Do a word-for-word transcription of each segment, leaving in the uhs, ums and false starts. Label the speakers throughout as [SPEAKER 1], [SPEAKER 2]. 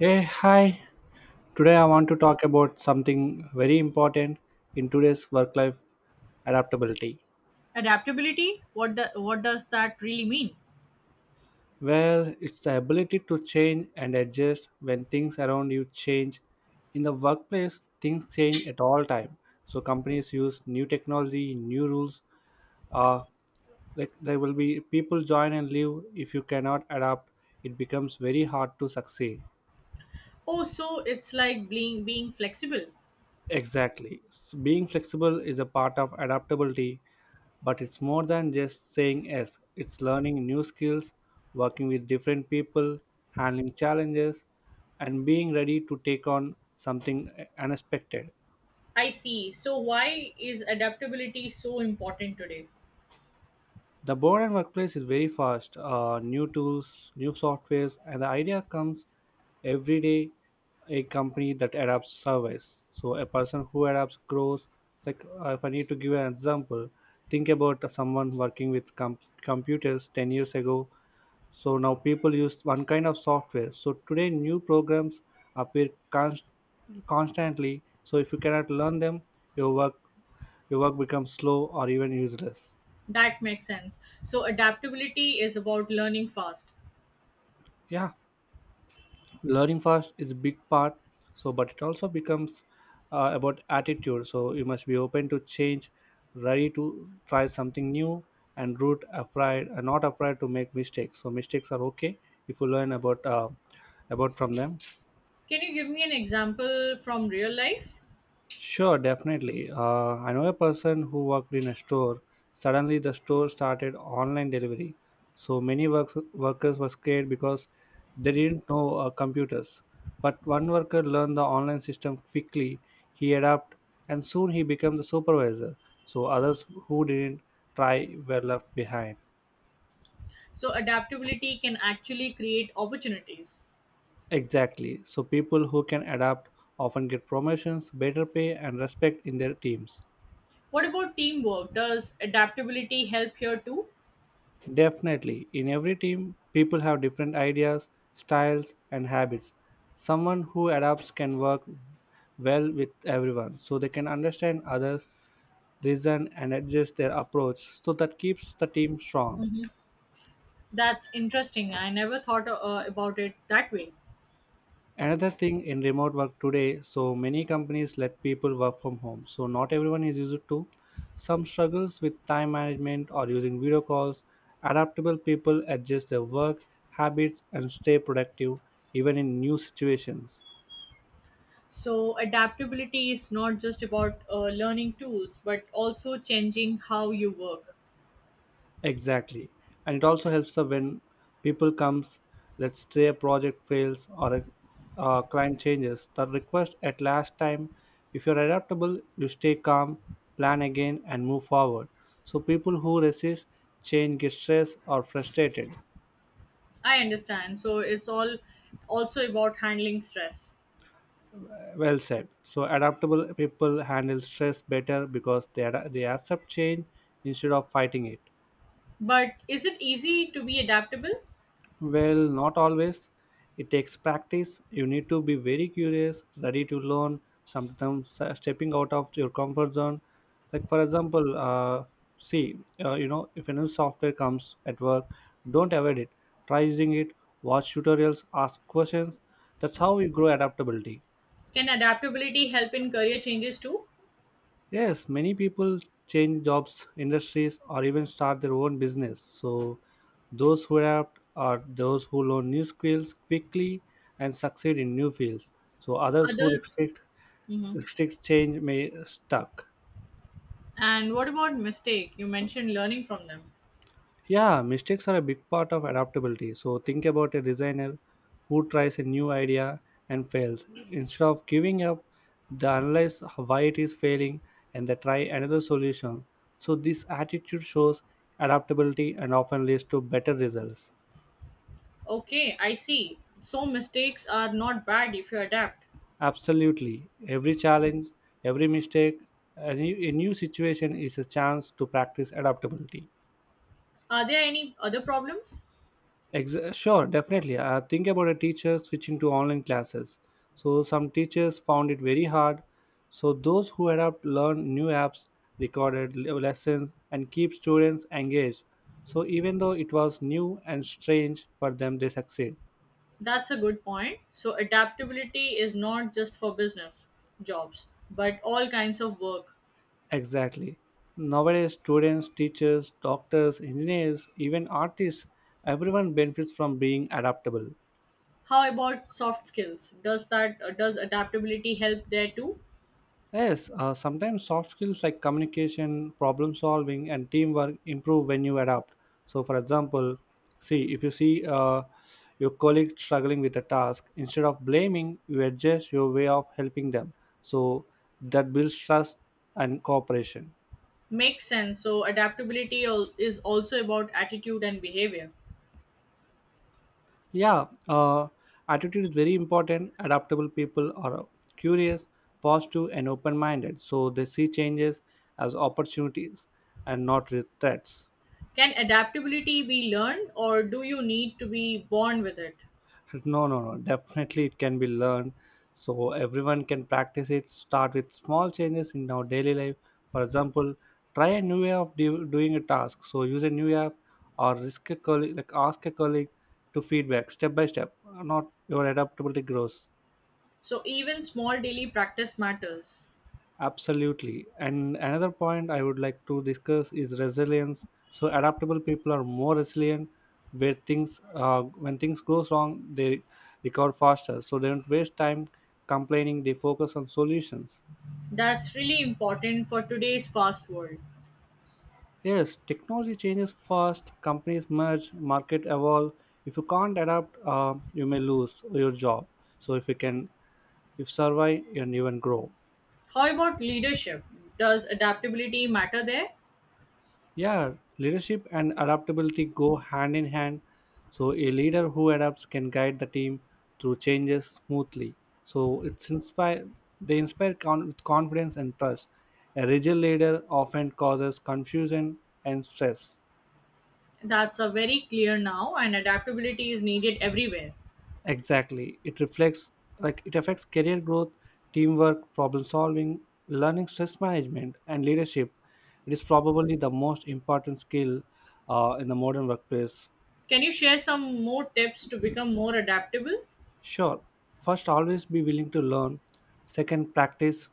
[SPEAKER 1] Hey, hi. Today I want to talk about something very important in today's work life, adaptability.
[SPEAKER 2] Adaptability, what the, what does that really mean?
[SPEAKER 1] Well, it's the ability to change and adjust when things around you change. In the workplace, things change at all time. So companies use new technology, new rules. Uh, like, there will be people join and leave. If you cannot adapt, it becomes very hard to succeed.
[SPEAKER 2] Oh, so it's like being being flexible.
[SPEAKER 1] Exactly. S- Being flexible is a part of adaptability, but it's more than just saying yes. It's learning new skills, working with different people, handling challenges, and being ready to take on something uh, unexpected.
[SPEAKER 2] I see. So why is adaptability so important today?
[SPEAKER 1] The modern workplace is very fast. Uh, new tools, new softwares, and the idea comes every day. A company that adapts surveys. So a person who adapts grows. Like, uh, if I need to give an example, think about someone working with com- computers ten years ago. So now people use one kind of software. So today new programs appear const- constantly. So if you cannot learn them, your work your work becomes slow or even useless.
[SPEAKER 2] That makes sense. So adaptability is about learning fast.
[SPEAKER 1] Yeah. Learning fast is a big part, so but it also becomes uh, about attitude. So you must be open to change, ready to try something new, and root afraid uh, not afraid to make mistakes. So mistakes are okay if you learn about uh, about from them.
[SPEAKER 2] Can you give me an example from real life?
[SPEAKER 1] Sure, definitely. Uh, I know a person who worked in a store. Suddenly, the store started online delivery. So many work- workers were scared because they didn't know uh, computers. But one worker learned the online system quickly. He adapted, and soon he became the supervisor. So others who didn't try were left behind.
[SPEAKER 2] So adaptability can actually create opportunities.
[SPEAKER 1] Exactly. So people who can adapt often get promotions, better pay, and respect in their teams.
[SPEAKER 2] What about teamwork? Does adaptability help here too?
[SPEAKER 1] Definitely. In every team, people have different ideas, styles, and habits. Someone who adapts can work well with everyone, so they can understand others, listen, and adjust their approach, so that keeps the team strong.
[SPEAKER 2] Mhm. That's interesting. I never thought uh, about it that way.
[SPEAKER 1] Another thing, in remote work today, so many companies let people work from home. So not everyone is used to. Some struggles with time management or using video calls. Adaptable people adjust their work habits and stay productive even in new situations.
[SPEAKER 2] So, adaptability is not just about uh, learning tools, but also changing how you work.
[SPEAKER 1] Exactly. And it also helps the when people comes, let's say a project fails or a uh, client changes the request at last time, if you're adaptable, you stay calm, plan again and move forward. So people who resist change get stressed or frustrated.
[SPEAKER 2] I understand. So, it's all also about handling stress.
[SPEAKER 1] Well said. So adaptable people handle stress better because they, ad- they accept change instead of fighting it.
[SPEAKER 2] But is it easy to be adaptable?
[SPEAKER 1] Well, not always. It takes practice. You need to be very curious, ready to learn, sometimes uh, stepping out of your comfort zone. Like, for example, uh, see, uh, you know, if a new software comes at work, don't avoid it. Try using it, watch tutorials, ask questions. That's how you grow adaptability.
[SPEAKER 2] Can adaptability help in career changes too?
[SPEAKER 1] Yes, many people change jobs, industries, or even start their own business. So, those who adapt are those who learn new skills quickly and succeed in new fields. So, others who
[SPEAKER 2] Others?
[SPEAKER 1] restrict,
[SPEAKER 2] Hmm.
[SPEAKER 1] restrict change may stuck.
[SPEAKER 2] And what about mistake? You mentioned learning from them.
[SPEAKER 1] Yeah, mistakes are a big part of adaptability. So think about a designer who tries a new idea and fails. Instead of giving up, they analyze why it is failing and they try another solution. So this attitude shows adaptability and often leads to better results.
[SPEAKER 2] Okay, I see. So, mistakes are not bad if you adapt.
[SPEAKER 1] Absolutely. Every challenge, every mistake, a new, a new situation is a chance to practice adaptability.
[SPEAKER 2] Are there any other problems?
[SPEAKER 1] Ex- sure, definitely. Uh, think about a teacher switching to online classes. So some teachers found it very hard. So those who adapt learn new apps, recorded le- lessons, and keep students engaged. So even though it was new and strange for them, they succeed.
[SPEAKER 2] That's a good point. So, adaptability is not just for business jobs, but all kinds of work.
[SPEAKER 1] Exactly. Nowadays, students, teachers, doctors, engineers, even artists, everyone benefits from being adaptable.
[SPEAKER 2] How about soft skills? Does that uh, does adaptability help there too?
[SPEAKER 1] Yes, uh, sometimes soft skills like communication, problem solving, and teamwork improve when you adapt. So, for example, see if you see uh, your colleague struggling with a task, instead of blaming, you adjust your way of helping them. So that builds trust and cooperation.
[SPEAKER 2] Makes sense. So, adaptability al- is also about attitude and behavior.
[SPEAKER 1] Yeah, uh, attitude is very important. Adaptable people are curious, positive, and open-minded. So they see changes as opportunities and not re- threats.
[SPEAKER 2] Can adaptability be learned or do you need to be born with it?
[SPEAKER 1] No, no, no, definitely it can be learned. So everyone can practice it. Start with small changes in our daily life. For example, try a new way of do, doing a task, so use a new app, or risk a colleague like ask a colleague to feedback step by step, not your adaptability grows.
[SPEAKER 2] So, even small daily practice matters.
[SPEAKER 1] Absolutely. And another point I would like to discuss is resilience. So adaptable people are more resilient where things uh, when things goes wrong, they recover faster. So they don't waste time complaining, they focus on solutions.
[SPEAKER 2] That's really important for today's fast world.
[SPEAKER 1] Yes, technology changes fast, companies merge, market evolve. If you can't adapt, uh, you may lose your job. So if you can if survive and even grow.
[SPEAKER 2] How about leadership? Does adaptability matter there?
[SPEAKER 1] Yeah, leadership and adaptability go hand in hand. So, a leader who adapts can guide the team through changes smoothly. So, it's inspire they inspire con- with confidence and trust. A rigid leader often causes confusion and stress.
[SPEAKER 2] That's a very clear now, and adaptability is needed everywhere.
[SPEAKER 1] Exactly, it reflects like it affects career growth, teamwork, problem solving, learning, stress management, and leadership. It is probably the most important skill uh, in the modern workplace.
[SPEAKER 2] Can you share some more tips to become more adaptable?
[SPEAKER 1] Sure, first, always be willing to learn. Second, practice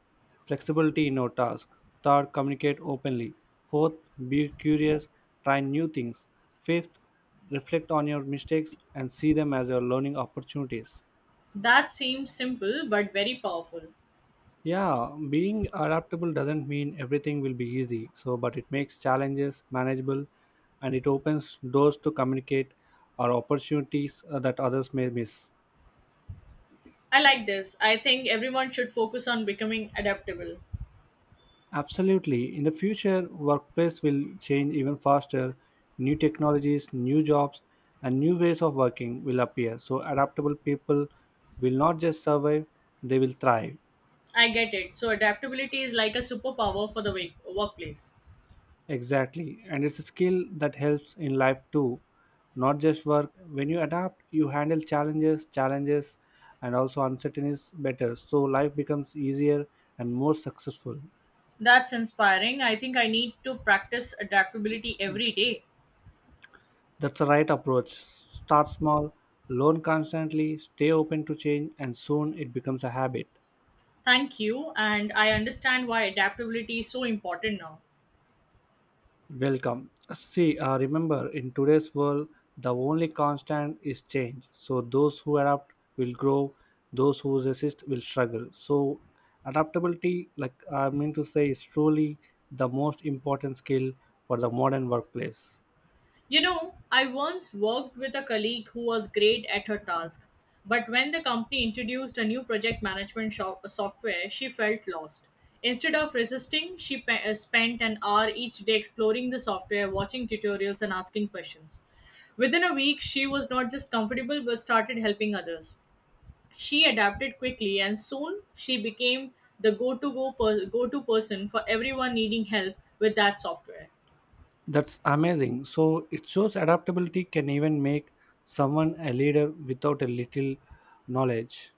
[SPEAKER 1] flexibility in your task. Third, communicate openly. Fourth, be curious, try new things. Fifth, reflect on your mistakes and see them as your learning opportunities.
[SPEAKER 2] That seems simple but very powerful.
[SPEAKER 1] Yeah, being adaptable doesn't mean everything will be easy, so but it makes challenges manageable, and it opens doors to communicate or opportunities uh, that others may miss.
[SPEAKER 2] I like this. I think everyone should focus on becoming adaptable.
[SPEAKER 1] Absolutely. In the future, workplace will change even faster. New technologies, new jobs, and new ways of working will appear. So adaptable people will not just survive, they will thrive.
[SPEAKER 2] I get it. So, adaptability is like a superpower for the wa- workplace.
[SPEAKER 1] Exactly. And it's a skill that helps in life too, not just work. When you adapt, you handle challenges, challenges and also uncertainties better. So life becomes easier and more successful.
[SPEAKER 2] That's inspiring. I think I need to practice adaptability every day.
[SPEAKER 1] That's the right approach. Start small, learn constantly, stay open to change, and soon it becomes a habit.
[SPEAKER 2] Thank you, and I understand why adaptability is so important now.
[SPEAKER 1] Welcome. See, uh, remember, in today's world, the only constant is change. So, those who adapt will grow, those who resist will struggle. So, adaptability, like I mean to say, is truly the most important skill for the modern workplace.
[SPEAKER 2] You know, I once worked with a colleague who was great at her task, but when the company introduced a new project management shop- software, she felt lost. Instead of resisting, she pe- uh, spent an hour each day exploring the software, watching tutorials, and asking questions. Within a week, she was not just comfortable but started helping others. She adapted quickly and soon she became the go-to go per- go-to person for everyone needing help with that software.
[SPEAKER 1] That's amazing. So it shows adaptability can even make someone a leader without a little knowledge.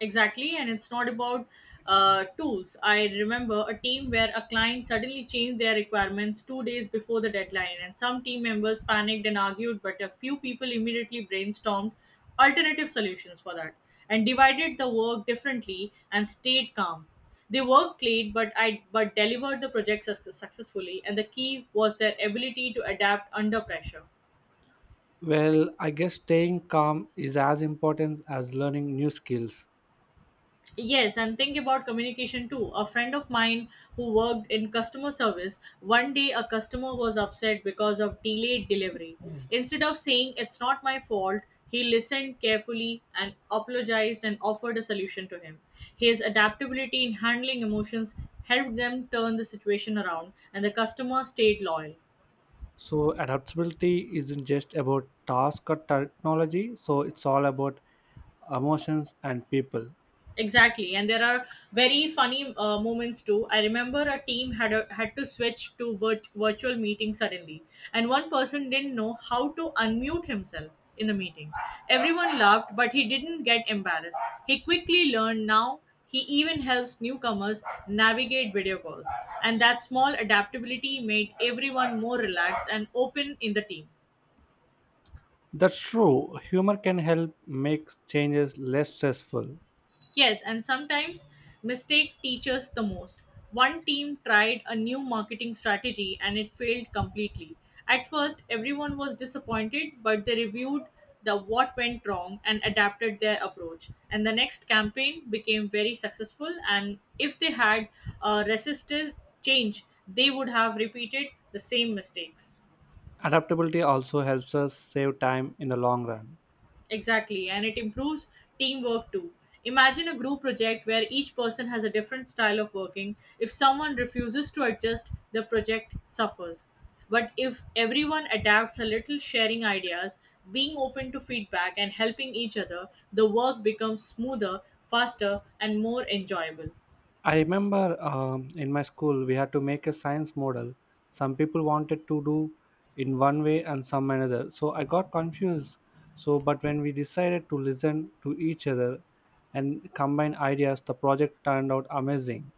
[SPEAKER 2] Exactly, and it's not about uh, tools. I remember a team where a client suddenly changed their requirements two days before the deadline, and some team members panicked and argued, but a few people immediately brainstormed alternative solutions for that and divided the work differently and stayed calm. They worked late, but I but delivered the project suc- successfully, and the key was their ability to adapt under pressure.
[SPEAKER 1] Well, I guess staying calm is as important as learning new skills.
[SPEAKER 2] Yes, and think about communication too. A friend of mine who worked in customer service, one day a customer was upset because of delayed delivery. Instead of saying it's not my fault, he listened carefully and apologized and offered a solution to him. His adaptability in handling emotions helped them turn the situation around, and the customer stayed loyal.
[SPEAKER 1] So adaptability isn't just about task or technology, so it's all about emotions and people.
[SPEAKER 2] Exactly, and there are very funny uh, moments too. I remember a team had a, had to switch to virt- virtual meeting suddenly, and one person didn't know how to unmute himself in the meeting. Everyone laughed, but he didn't get embarrassed. He quickly learned. Now he even helps newcomers navigate video calls, and that small adaptability made everyone more relaxed and open in the team.
[SPEAKER 1] That's true. Humor can help make changes less stressful.
[SPEAKER 2] Yes, and sometimes mistake teaches the most. One team tried a new marketing strategy and it failed completely. At first, everyone was disappointed, but they reviewed the what went wrong and adapted their approach. And the next campaign became very successful. And if they had uh, resisted change, they would have repeated the same mistakes.
[SPEAKER 1] Adaptability also helps us save time in the long run.
[SPEAKER 2] Exactly, and it improves teamwork too. Imagine a group project where each person has a different style of working. If someone refuses to adjust, the project suffers. But if everyone adapts a little, sharing ideas, being open to feedback, and helping each other, the work becomes smoother, faster, and more enjoyable.
[SPEAKER 1] I remember um, in my school we had to make a science model. Some people wanted to do in one way and some another. So I got confused. So but when we decided to listen to each other and combine ideas, the project turned out amazing.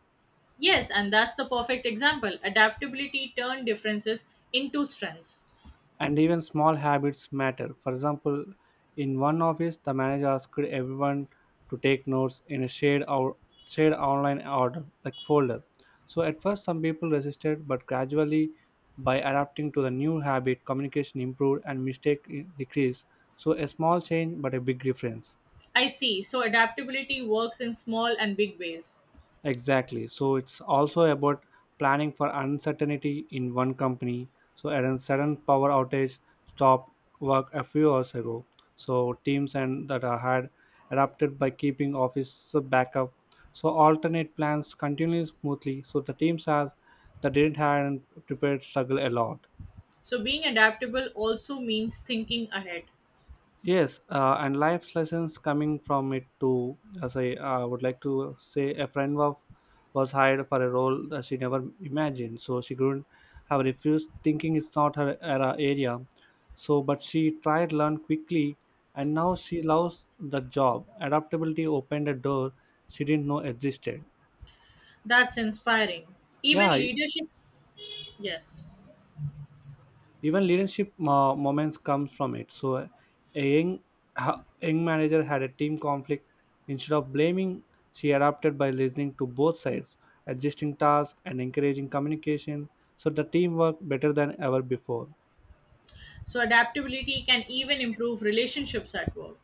[SPEAKER 2] Yes, and that's the perfect example. Adaptability turned differences into strengths.
[SPEAKER 1] And even small habits matter. For example, in one office, the manager asked everyone to take notes in a shared or shared online order like folder. So at first, some people resisted, but gradually, by adapting to the new habit, communication improved and mistake i- decreased. So a small change, but a big difference.
[SPEAKER 2] I see, so adaptability works in small and big ways.
[SPEAKER 1] Exactly. So it's also about planning for uncertainty in one company. So at a sudden power outage stopped work a few hours ago. So teams and that are had adapted by keeping office backup. So alternate plans continue smoothly. So the teams has that didn't have an prepared struggle a lot.
[SPEAKER 2] So, being adaptable also means thinking ahead.
[SPEAKER 1] Yes, uh, and life's lessons coming from it too. As I uh, would like to say, a friend of was hired for a role that she never imagined, so she couldn't have refused, thinking it's not her era area. So, but she tried learn quickly, and now she loves the job. Adaptability opened a door she didn't know existed.
[SPEAKER 2] That's inspiring. Even
[SPEAKER 1] Yeah,
[SPEAKER 2] leadership, yes.
[SPEAKER 1] even leadership uh, moments comes from it. So a young, ha- young manager had a team conflict. Instead of blaming, she adapted by listening to both sides, adjusting tasks and encouraging communication, so the team worked better than ever before.
[SPEAKER 2] So, adaptability can even improve relationships at work.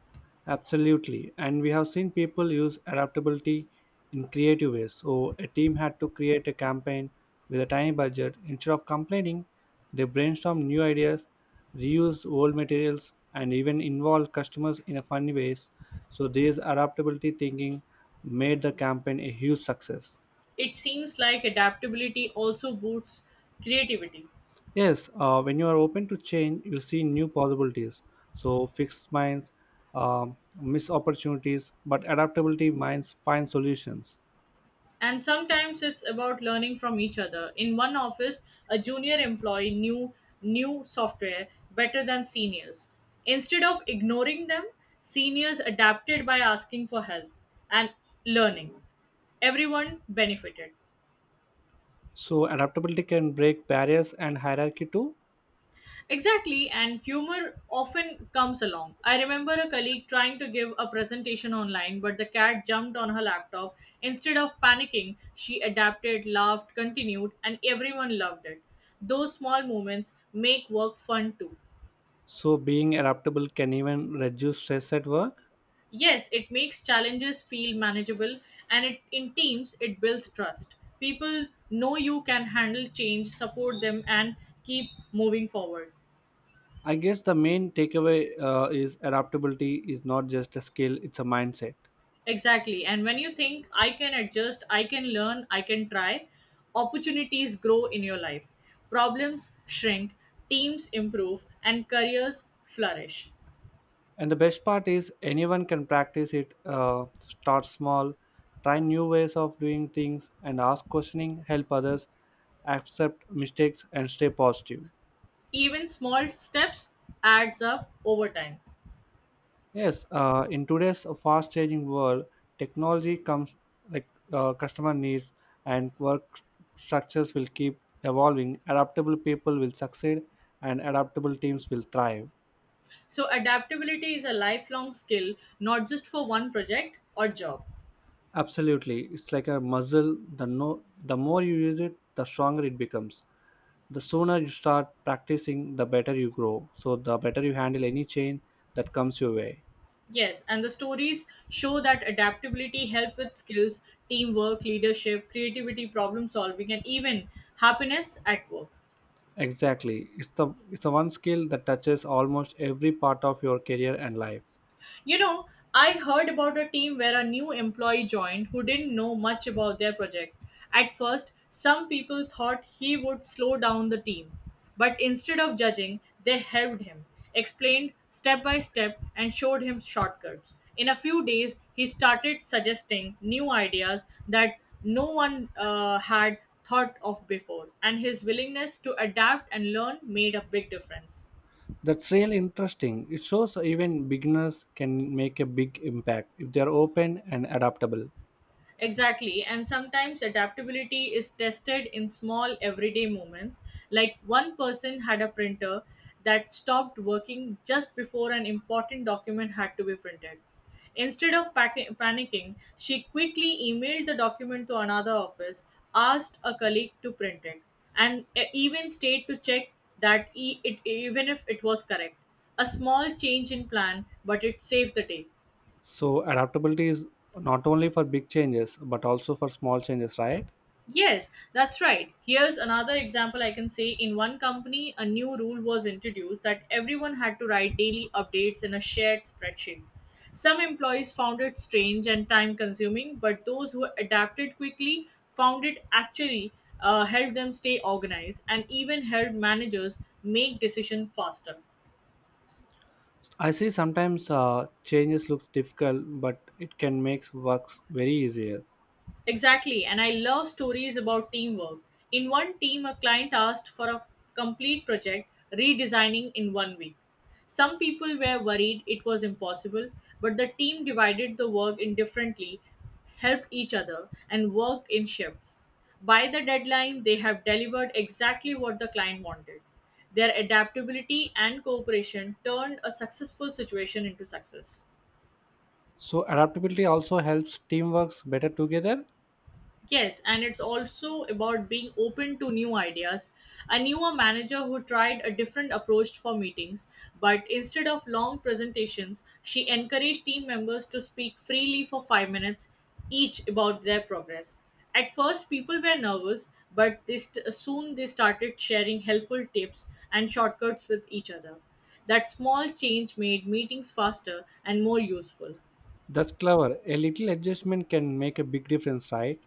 [SPEAKER 1] Absolutely. And we have seen people use adaptability in creative ways. So a team had to create a campaign with a tiny budget. Instead of complaining, they brainstormed new ideas, reused old materials, and even involved customers in a funny ways. So this adaptability thinking made the campaign a huge success.
[SPEAKER 2] It seems like adaptability also boosts creativity.
[SPEAKER 1] Yes, uh, when you are open to change, you see new possibilities. So fixed minds um miss opportunities, but adaptability minds find solutions.
[SPEAKER 2] And sometimes it's about learning from each other. In one office, a junior employee knew new software better than seniors. Instead of ignoring them, seniors adapted by asking for help and learning everyone benefited.
[SPEAKER 1] So adaptability can break barriers and hierarchy too.
[SPEAKER 2] Exactly, and humor often comes along. I remember a colleague trying to give a presentation online, but the cat jumped on her laptop. Instead of panicking, she adapted, laughed, continued, and everyone loved it. Those small moments make work fun too.
[SPEAKER 1] So being adaptable can even reduce stress at work.
[SPEAKER 2] Yes, it makes challenges feel manageable, and it, in teams, it builds trust. People know you can handle change, support them, and keep moving forward.
[SPEAKER 1] I guess the main takeaway uh, is adaptability is not just a skill; it's a mindset.
[SPEAKER 2] Exactly. And when you think, I can adjust, I can learn, I can try, opportunities grow in your life. Problems shrink, teams improve, and careers flourish.
[SPEAKER 1] And the best part is anyone can practice it. Uh, start small, try new ways of doing things, and ask questioning. Help others, accept mistakes, and stay positive.
[SPEAKER 2] Even small steps adds up over time.
[SPEAKER 1] Yes, uh, in today's fast changing world, technology comes like uh, customer needs and work structures will keep evolving. Adaptable people will succeed and adaptable teams will thrive.
[SPEAKER 2] So adaptability is a lifelong skill, not just for one project or job.
[SPEAKER 1] Absolutely. It's like a muscle. The no the more you use it, the stronger it becomes. The sooner you start practicing, the better you grow. So the better you handle any change that comes your way.
[SPEAKER 2] Yes, and the stories show that adaptability help with skills, teamwork, leadership, creativity, problem solving, and even happiness at work.
[SPEAKER 1] Exactly. It's the it's the one skill that touches almost every part of your career and life.
[SPEAKER 2] You know, I heard about a team where a new employee joined who didn't know much about their project. At first, some people thought he would slow down the team, but instead of judging, they helped him, explained step by step, and showed him shortcuts. In a few days, he started suggesting new ideas that no one uh, had thought of before, and his willingness to adapt and learn made a big difference.
[SPEAKER 1] That's really interesting. It shows even beginners can make a big impact if they're open and adaptable.
[SPEAKER 2] Exactly, and sometimes adaptability is tested in small everyday moments. Like one person had a printer that stopped working just before an important document had to be printed. Instead of pack- panicking, she quickly emailed the document to another office, asked a colleague to print it, and e- even stayed to check that e- it, even if it was correct. A small change in plan, but it saved the day.
[SPEAKER 1] So, adaptability is not only for big changes but also for small changes, right?
[SPEAKER 2] Yes, that's right. Here's another example I can say. In one company, a new rule was introduced that everyone had to write daily updates in a shared spreadsheet. Some employees found it strange and time consuming, but those who adapted quickly found it actually uh, helped them stay organized and even helped managers make decisions faster.
[SPEAKER 1] I see sometimes uh, changes looks difficult, but it can make works very easier.
[SPEAKER 2] Exactly, and I love stories about teamwork. In one team, a client asked for a complete project redesigning in one week. Some people were worried it was impossible, but the team divided the work indifferently, helped each other, and worked in shifts. By the deadline, they have delivered exactly what the client wanted. Their adaptability and cooperation turned a successful situation into success.
[SPEAKER 1] So, adaptability also helps team works better together.
[SPEAKER 2] Yes, and it's also about being open to new ideas. I knew a manager who tried a different approach for meetings, but instead of long presentations, she encouraged team members to speak freely for five minutes each about their progress. At first, people were nervous, but they st- soon they started sharing helpful tips and shortcuts with each other. That small change made meetings faster and more useful.
[SPEAKER 1] That's clever. A little adjustment can make a big difference, right?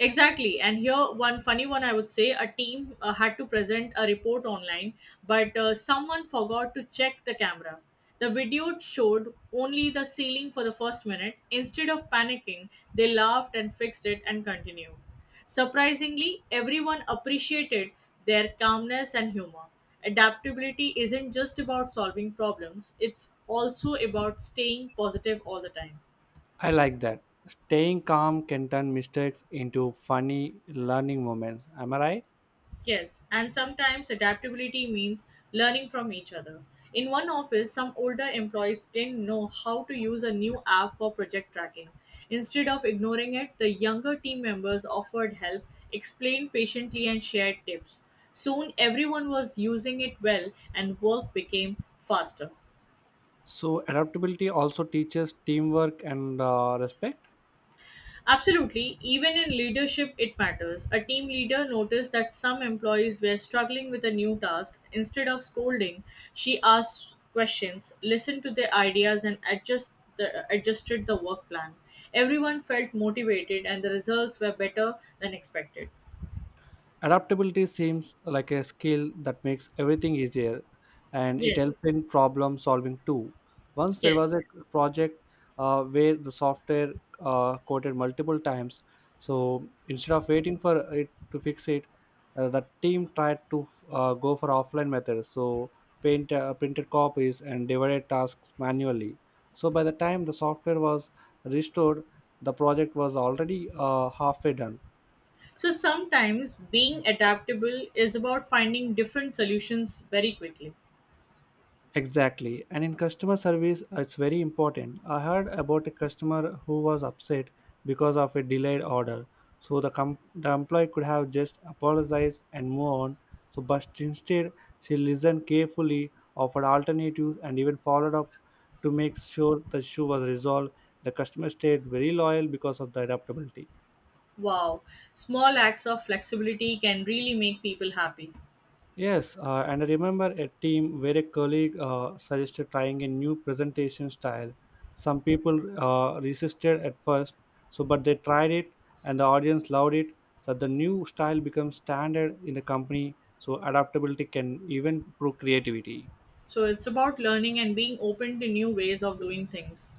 [SPEAKER 2] Exactly. And here, one funny one I would say a team uh, had to present a report online, but uh, someone forgot to check the camera. The video showed only the ceiling for the first minute. Instead of panicking, they laughed and fixed it and continued. Surprisingly, everyone appreciated their calmness and humor. Adaptability isn't just about solving problems, it's also about staying positive all the time.
[SPEAKER 1] I like that. Staying calm can turn mistakes into funny learning moments. Am I right?
[SPEAKER 2] Yes, and sometimes adaptability means learning from each other. In one office, some older employees didn't know how to use a new app for project tracking. Instead of ignoring it, the younger team members offered help, explained patiently, and shared tips. Soon, everyone was using it well, and work became faster.
[SPEAKER 1] So adaptability also teaches teamwork and uh, respect.
[SPEAKER 2] Absolutely, even in leadership, it matters. A team leader noticed that some employees were struggling with a new task. Instead of scolding, she asked questions, listened to their ideas, and adjust the, adjusted the work plan. Everyone felt motivated, and the results were better than expected.
[SPEAKER 1] Adaptability seems like a skill that makes everything easier and it
[SPEAKER 2] Yes,
[SPEAKER 1] helps in problem solving too. Once there was
[SPEAKER 2] yes.
[SPEAKER 1] a project uh, where the software uh, quoted multiple times, so instead of waiting for it to fix it, uh, the team tried to uh, go for offline methods. So paint uh, printed copies and divided tasks manually. So by the time the software was restored, the project was already uh, halfway done.
[SPEAKER 2] So sometimes being adaptable is about finding different solutions very quickly.
[SPEAKER 1] Exactly. And in customer service, it's very important. I heard about a customer who was upset because of a delayed order. So the, com- the employee could have just apologized and move on. So, but instead, she listened carefully, offered alternatives, and even followed up to make sure the issue was resolved. The customer stayed very loyal because of the adaptability.
[SPEAKER 2] Wow, small acts of flexibility can really make people happy.
[SPEAKER 1] Yes, uh, and I remember a team where a colleague uh, suggested trying a new presentation style. Some people uh, resisted at first, so but they tried it, and the audience loved it. So the new style becomes standard in the company. So adaptability can even prove creativity.
[SPEAKER 2] So it's about learning and being open to new ways of doing things.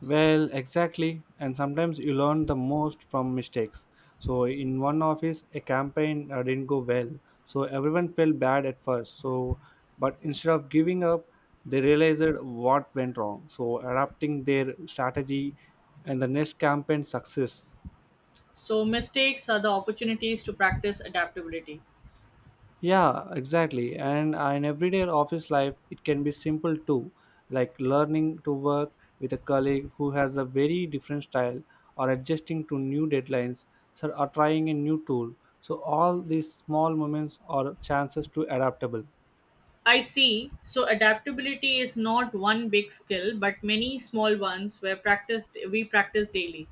[SPEAKER 1] Well, exactly. And sometimes you learn the most from mistakes. So, in one office, a campaign uh, didn't go well. So, everyone felt bad at first. So, but instead of giving up, they realized what went wrong. So, adapting their strategy and the next campaign success.
[SPEAKER 2] So mistakes are the opportunities to practice adaptability.
[SPEAKER 1] Yeah, exactly. And uh, in everyday office life, it can be simple too, like learning to work with a colleague who has a very different style or adjusting to new deadlines so- or trying a new tool. So all these small moments are chances to adaptable.
[SPEAKER 2] I see. So adaptability is not one big skill, but many small ones where practiced we practice daily.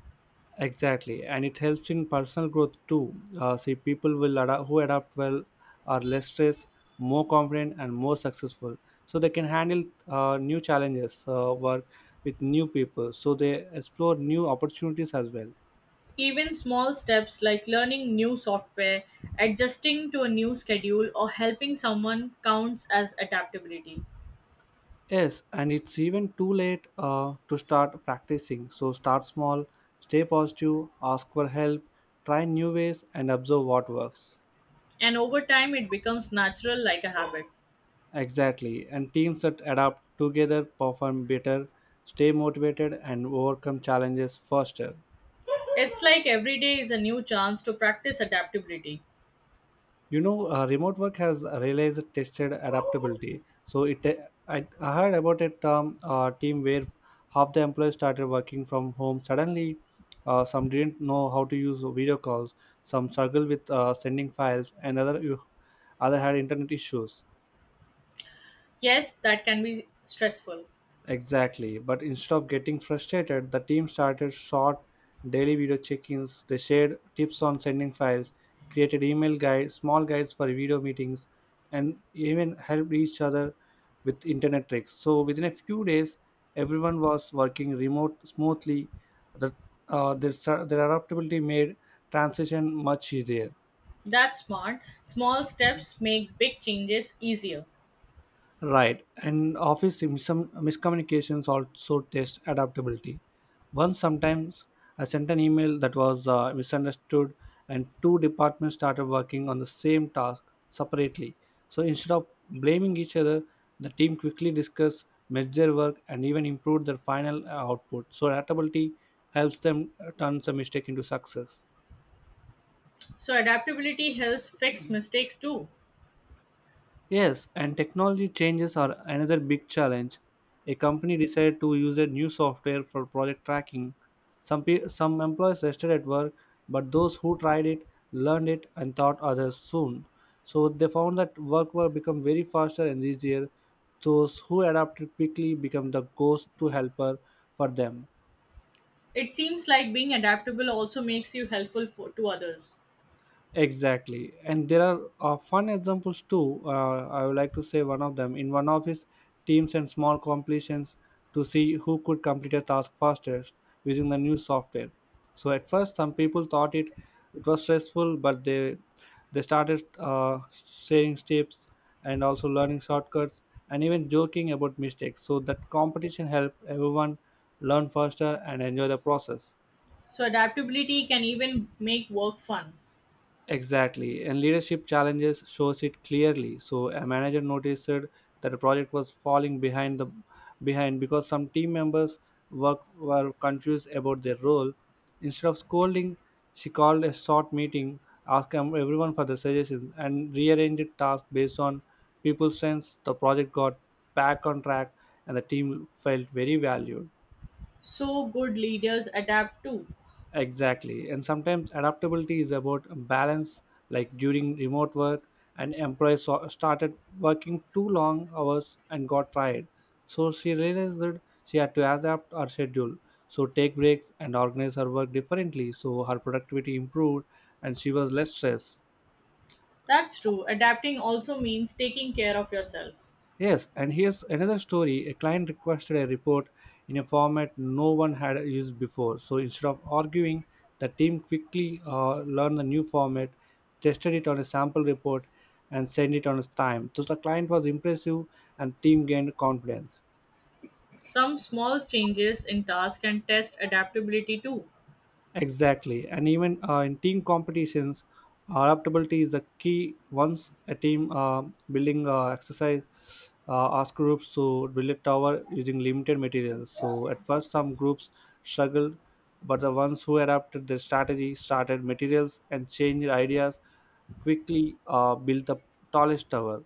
[SPEAKER 1] Exactly, and it helps in personal growth too. Uh, see, people will adapt who adapt well are less stressed, more confident, and more successful. So they can handle uh, new challenges, uh, work with new people. So they explore new opportunities as well.
[SPEAKER 2] Even small steps like learning new software, adjusting to a new schedule, or helping someone counts as adaptability.
[SPEAKER 1] Yes, and it's even too late uh, to start practicing. So start small, stay positive, ask for help, try new ways, and observe what works.
[SPEAKER 2] And over time, it becomes natural like a habit.
[SPEAKER 1] Exactly, and teams that adapt together perform better, stay motivated, and overcome challenges faster.
[SPEAKER 2] It's like every day is a new chance to practice adaptability.
[SPEAKER 1] You know, uh, remote work has realized tested adaptability. So it, uh, I, I heard about a term uh, team where half the employees started working from home. Suddenly, uh, some didn't know how to use video calls, some struggled with uh, sending files, and other you, other had internet issues.
[SPEAKER 2] Yes, that can be stressful.
[SPEAKER 1] Exactly. But instead of getting frustrated, the team started short daily video check ins. They shared tips on sending files, created email guides, small guides for video meetings, and even helped each other with internet tricks. So within a few days, everyone was working remote smoothly. The, uh, their, their adaptability made transition much easier.
[SPEAKER 2] That's smart. Small steps make big changes easier.
[SPEAKER 1] Right, and office miscom- miscommunications also test adaptability. Once, sometimes I sent an email that was uh, misunderstood, and two departments started working on the same task separately. So instead of blaming each other, the team quickly discussed, measured their work, and even improved their final uh, output. So adaptability helps them uh, turn the mistake into success.
[SPEAKER 2] So, adaptability helps fix mistakes too.
[SPEAKER 1] Yes, and technology changes are another big challenge. A company decided to use a new software for project tracking. Some pe- some employees rested at work, but those who tried it learned it and taught others soon. So they found that work will become very faster and easier. Those who adapted quickly become the ghost to helper for them.
[SPEAKER 2] It seems like being adaptable also makes you helpful for, to others.
[SPEAKER 1] Exactly, and there are uh, fun examples too. Uh, I would like to say one of them. In one of his teams and small completions to see who could complete a task fastest using the new software. So at first, some people thought it it was stressful, but they they started uh, sharing tips and also learning shortcuts and even joking about mistakes. So that competition helped everyone learn faster and enjoy the process.
[SPEAKER 2] So, adaptability can even make work fun.
[SPEAKER 1] Exactly, and leadership challenges shows it clearly. So a manager noticed that the project was falling behind the behind because some team members work, were confused about their role. Instead of scolding, she called a short meeting, asked em- everyone for the suggestions, and rearranged tasks based on people's strengths. The project got back on track, and the team felt very valued.
[SPEAKER 2] So, good leaders adapt too.
[SPEAKER 1] Exactly. And sometimes adaptability is about balance, like during remote work, an employee so- started working too long hours and got tired. So she realized that she had to adapt her schedule. So take breaks and organize her work differently. So her productivity improved and she was less stressed.
[SPEAKER 2] That's true. Adapting also means taking care of yourself.
[SPEAKER 1] Yes, and here's another story. A client requested a report in a format no one had used before. So instead of arguing, the team quickly uh, learned the new format, tested it on a sample report, and sent it on its time. So the client was impressive, and team gained confidence.
[SPEAKER 2] Some small changes in tasks can test adaptability too.
[SPEAKER 1] Exactly, and even uh, in team competitions, adaptability is a key. Once a team uh, building uh, exercise uh, ask groups to build a tower using limited materials. So at first, some groups struggled, but the ones who adapted their strategy started materials and changed ideas quickly. Uh, built the tallest tower.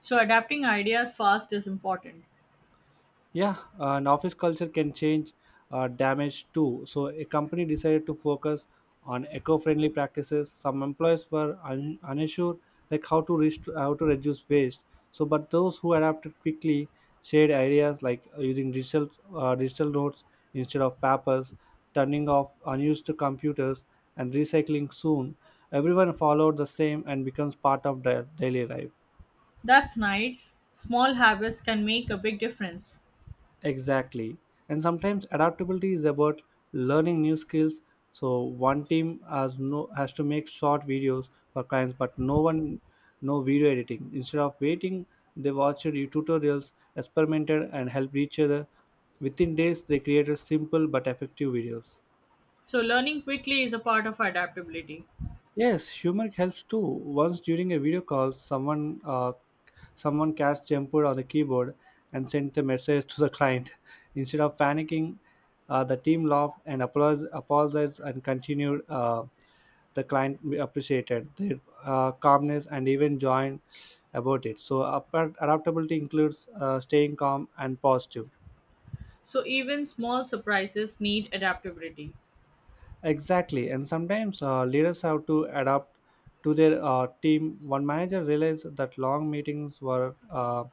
[SPEAKER 2] So, adapting ideas fast is important.
[SPEAKER 1] Yeah, uh, an office culture can change uh, damage too. So, a company decided to focus on eco-friendly practices. Some employees were un- unsure, like how to reach how to reduce waste. So, but those who adapted quickly shared ideas like uh, using digital uh, digital notes instead of papers, turning off unused computers, and recycling soon. Everyone followed the same and becomes part of their daily life.
[SPEAKER 2] That's nice. Small habits can make a big difference.
[SPEAKER 1] Exactly. And sometimes adaptability is about learning new skills. So one team has no has to make short videos for clients, but no one know video editing. Instead of waiting, they watched you- tutorials, experimented, and helped each other. Within days, they created simple but effective videos.
[SPEAKER 2] So, learning quickly is a part of adaptability.
[SPEAKER 1] Yes, humor helps too. Once during a video call, someone uh, someone cast jumper on the keyboard and sent a message to the client. Instead of panicking, uh, the team laughed and apologized, apologized and continued. Uh, the client appreciated their uh, calmness and even joined about it. So, apart- adaptability includes uh, staying calm and positive.
[SPEAKER 2] So, even small surprises need adaptability.
[SPEAKER 1] Exactly, and sometimes uh, leaders have to adapt to their uh, team. One manager realized that long meetings were uh,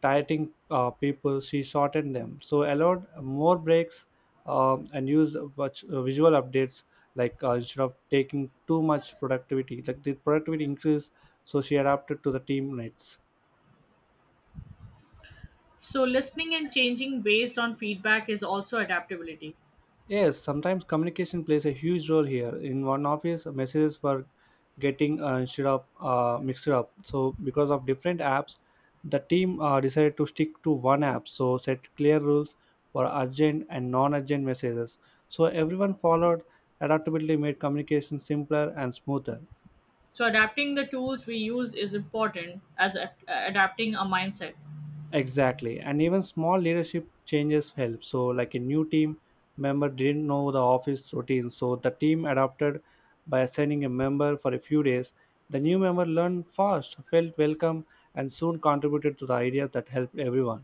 [SPEAKER 1] tiring uh, people. She shortened them, so allowed more breaks um, and used vich- uh, visual updates like uh, instead of taking too much productivity. Like the productivity increased, so she adapted to the team needs.
[SPEAKER 2] So, listening and changing based on feedback is also adaptability.
[SPEAKER 1] Yes, sometimes communication plays a huge role here. In one office, messages were getting uh, instead of uh, mixed up. So, because of different apps, the team uh, decided to stick to one app. So, set clear rules for urgent and non-urgent messages. So, everyone followed. Adaptability made communication simpler and smoother.
[SPEAKER 2] So, adapting the tools we use is important as a- adapting our mindset.
[SPEAKER 1] Exactly. And even small leadership changes help. So, like a new team member didn't know the office routine. So, the team adapted by assigning a member for a few days. The new member learned fast, felt welcome, and soon contributed to the ideas that helped everyone.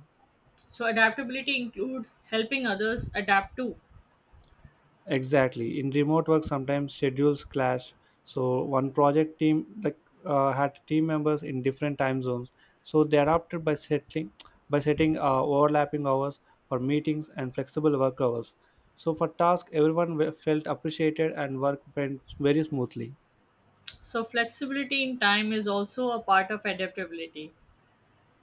[SPEAKER 2] So, adaptability includes helping others adapt too.
[SPEAKER 1] Exactly in remote work sometimes schedules clash, so one project team like uh, had team members in different time zones, so they adapted by setting by setting uh, overlapping hours for meetings and flexible work hours so for task everyone we- felt appreciated and work went very smoothly.
[SPEAKER 2] So, flexibility in time is also a part of adaptability.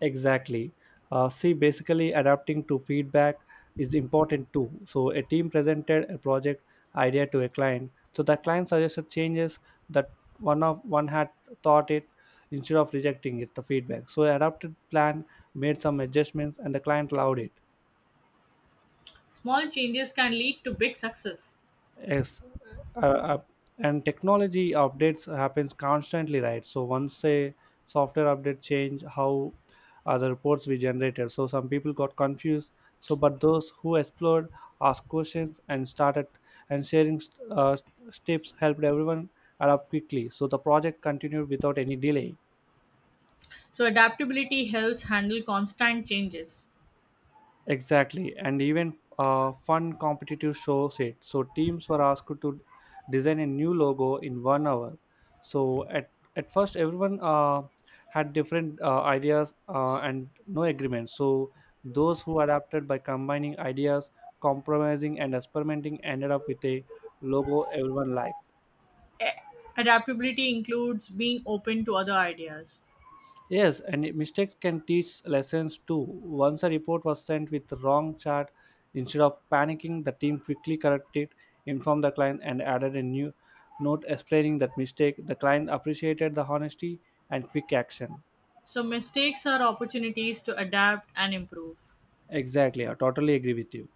[SPEAKER 1] Exactly. Uh, see, basically, adapting to feedback is important too. So, a team presented a project idea to a client. So, the client suggested changes that one of one had thought it instead of rejecting it. The feedback. So, adapted plan made some adjustments, and the client allowed it.
[SPEAKER 2] Small changes can lead to big success.
[SPEAKER 1] Yes, uh, uh, and technology updates happens constantly, right? So once a software update change how uh, the reports we generated, so some people got confused. So, but those who explored, asked questions, and started and sharing uh, tips helped everyone adapt quickly. So the project continued without any delay.
[SPEAKER 2] So adaptability helps handle constant changes.
[SPEAKER 1] Exactly, and even uh, fun competitive shows it. So teams were asked to design a new logo in one hour. So at at first, everyone uh, had different uh, ideas uh, and no agreement. So those who adapted by combining ideas, compromising, and experimenting ended up with a logo everyone liked.
[SPEAKER 2] A- Adaptability includes being open to other ideas.
[SPEAKER 1] Yes, and it- mistakes can teach lessons too. Once a report was sent with the wrong chart, instead of panicking, the team quickly corrected, informed the client, and added a new note explaining that mistake. The client appreciated the honesty and quick action.
[SPEAKER 2] So mistakes are opportunities to adapt and improve.
[SPEAKER 1] Exactly, I totally agree with you.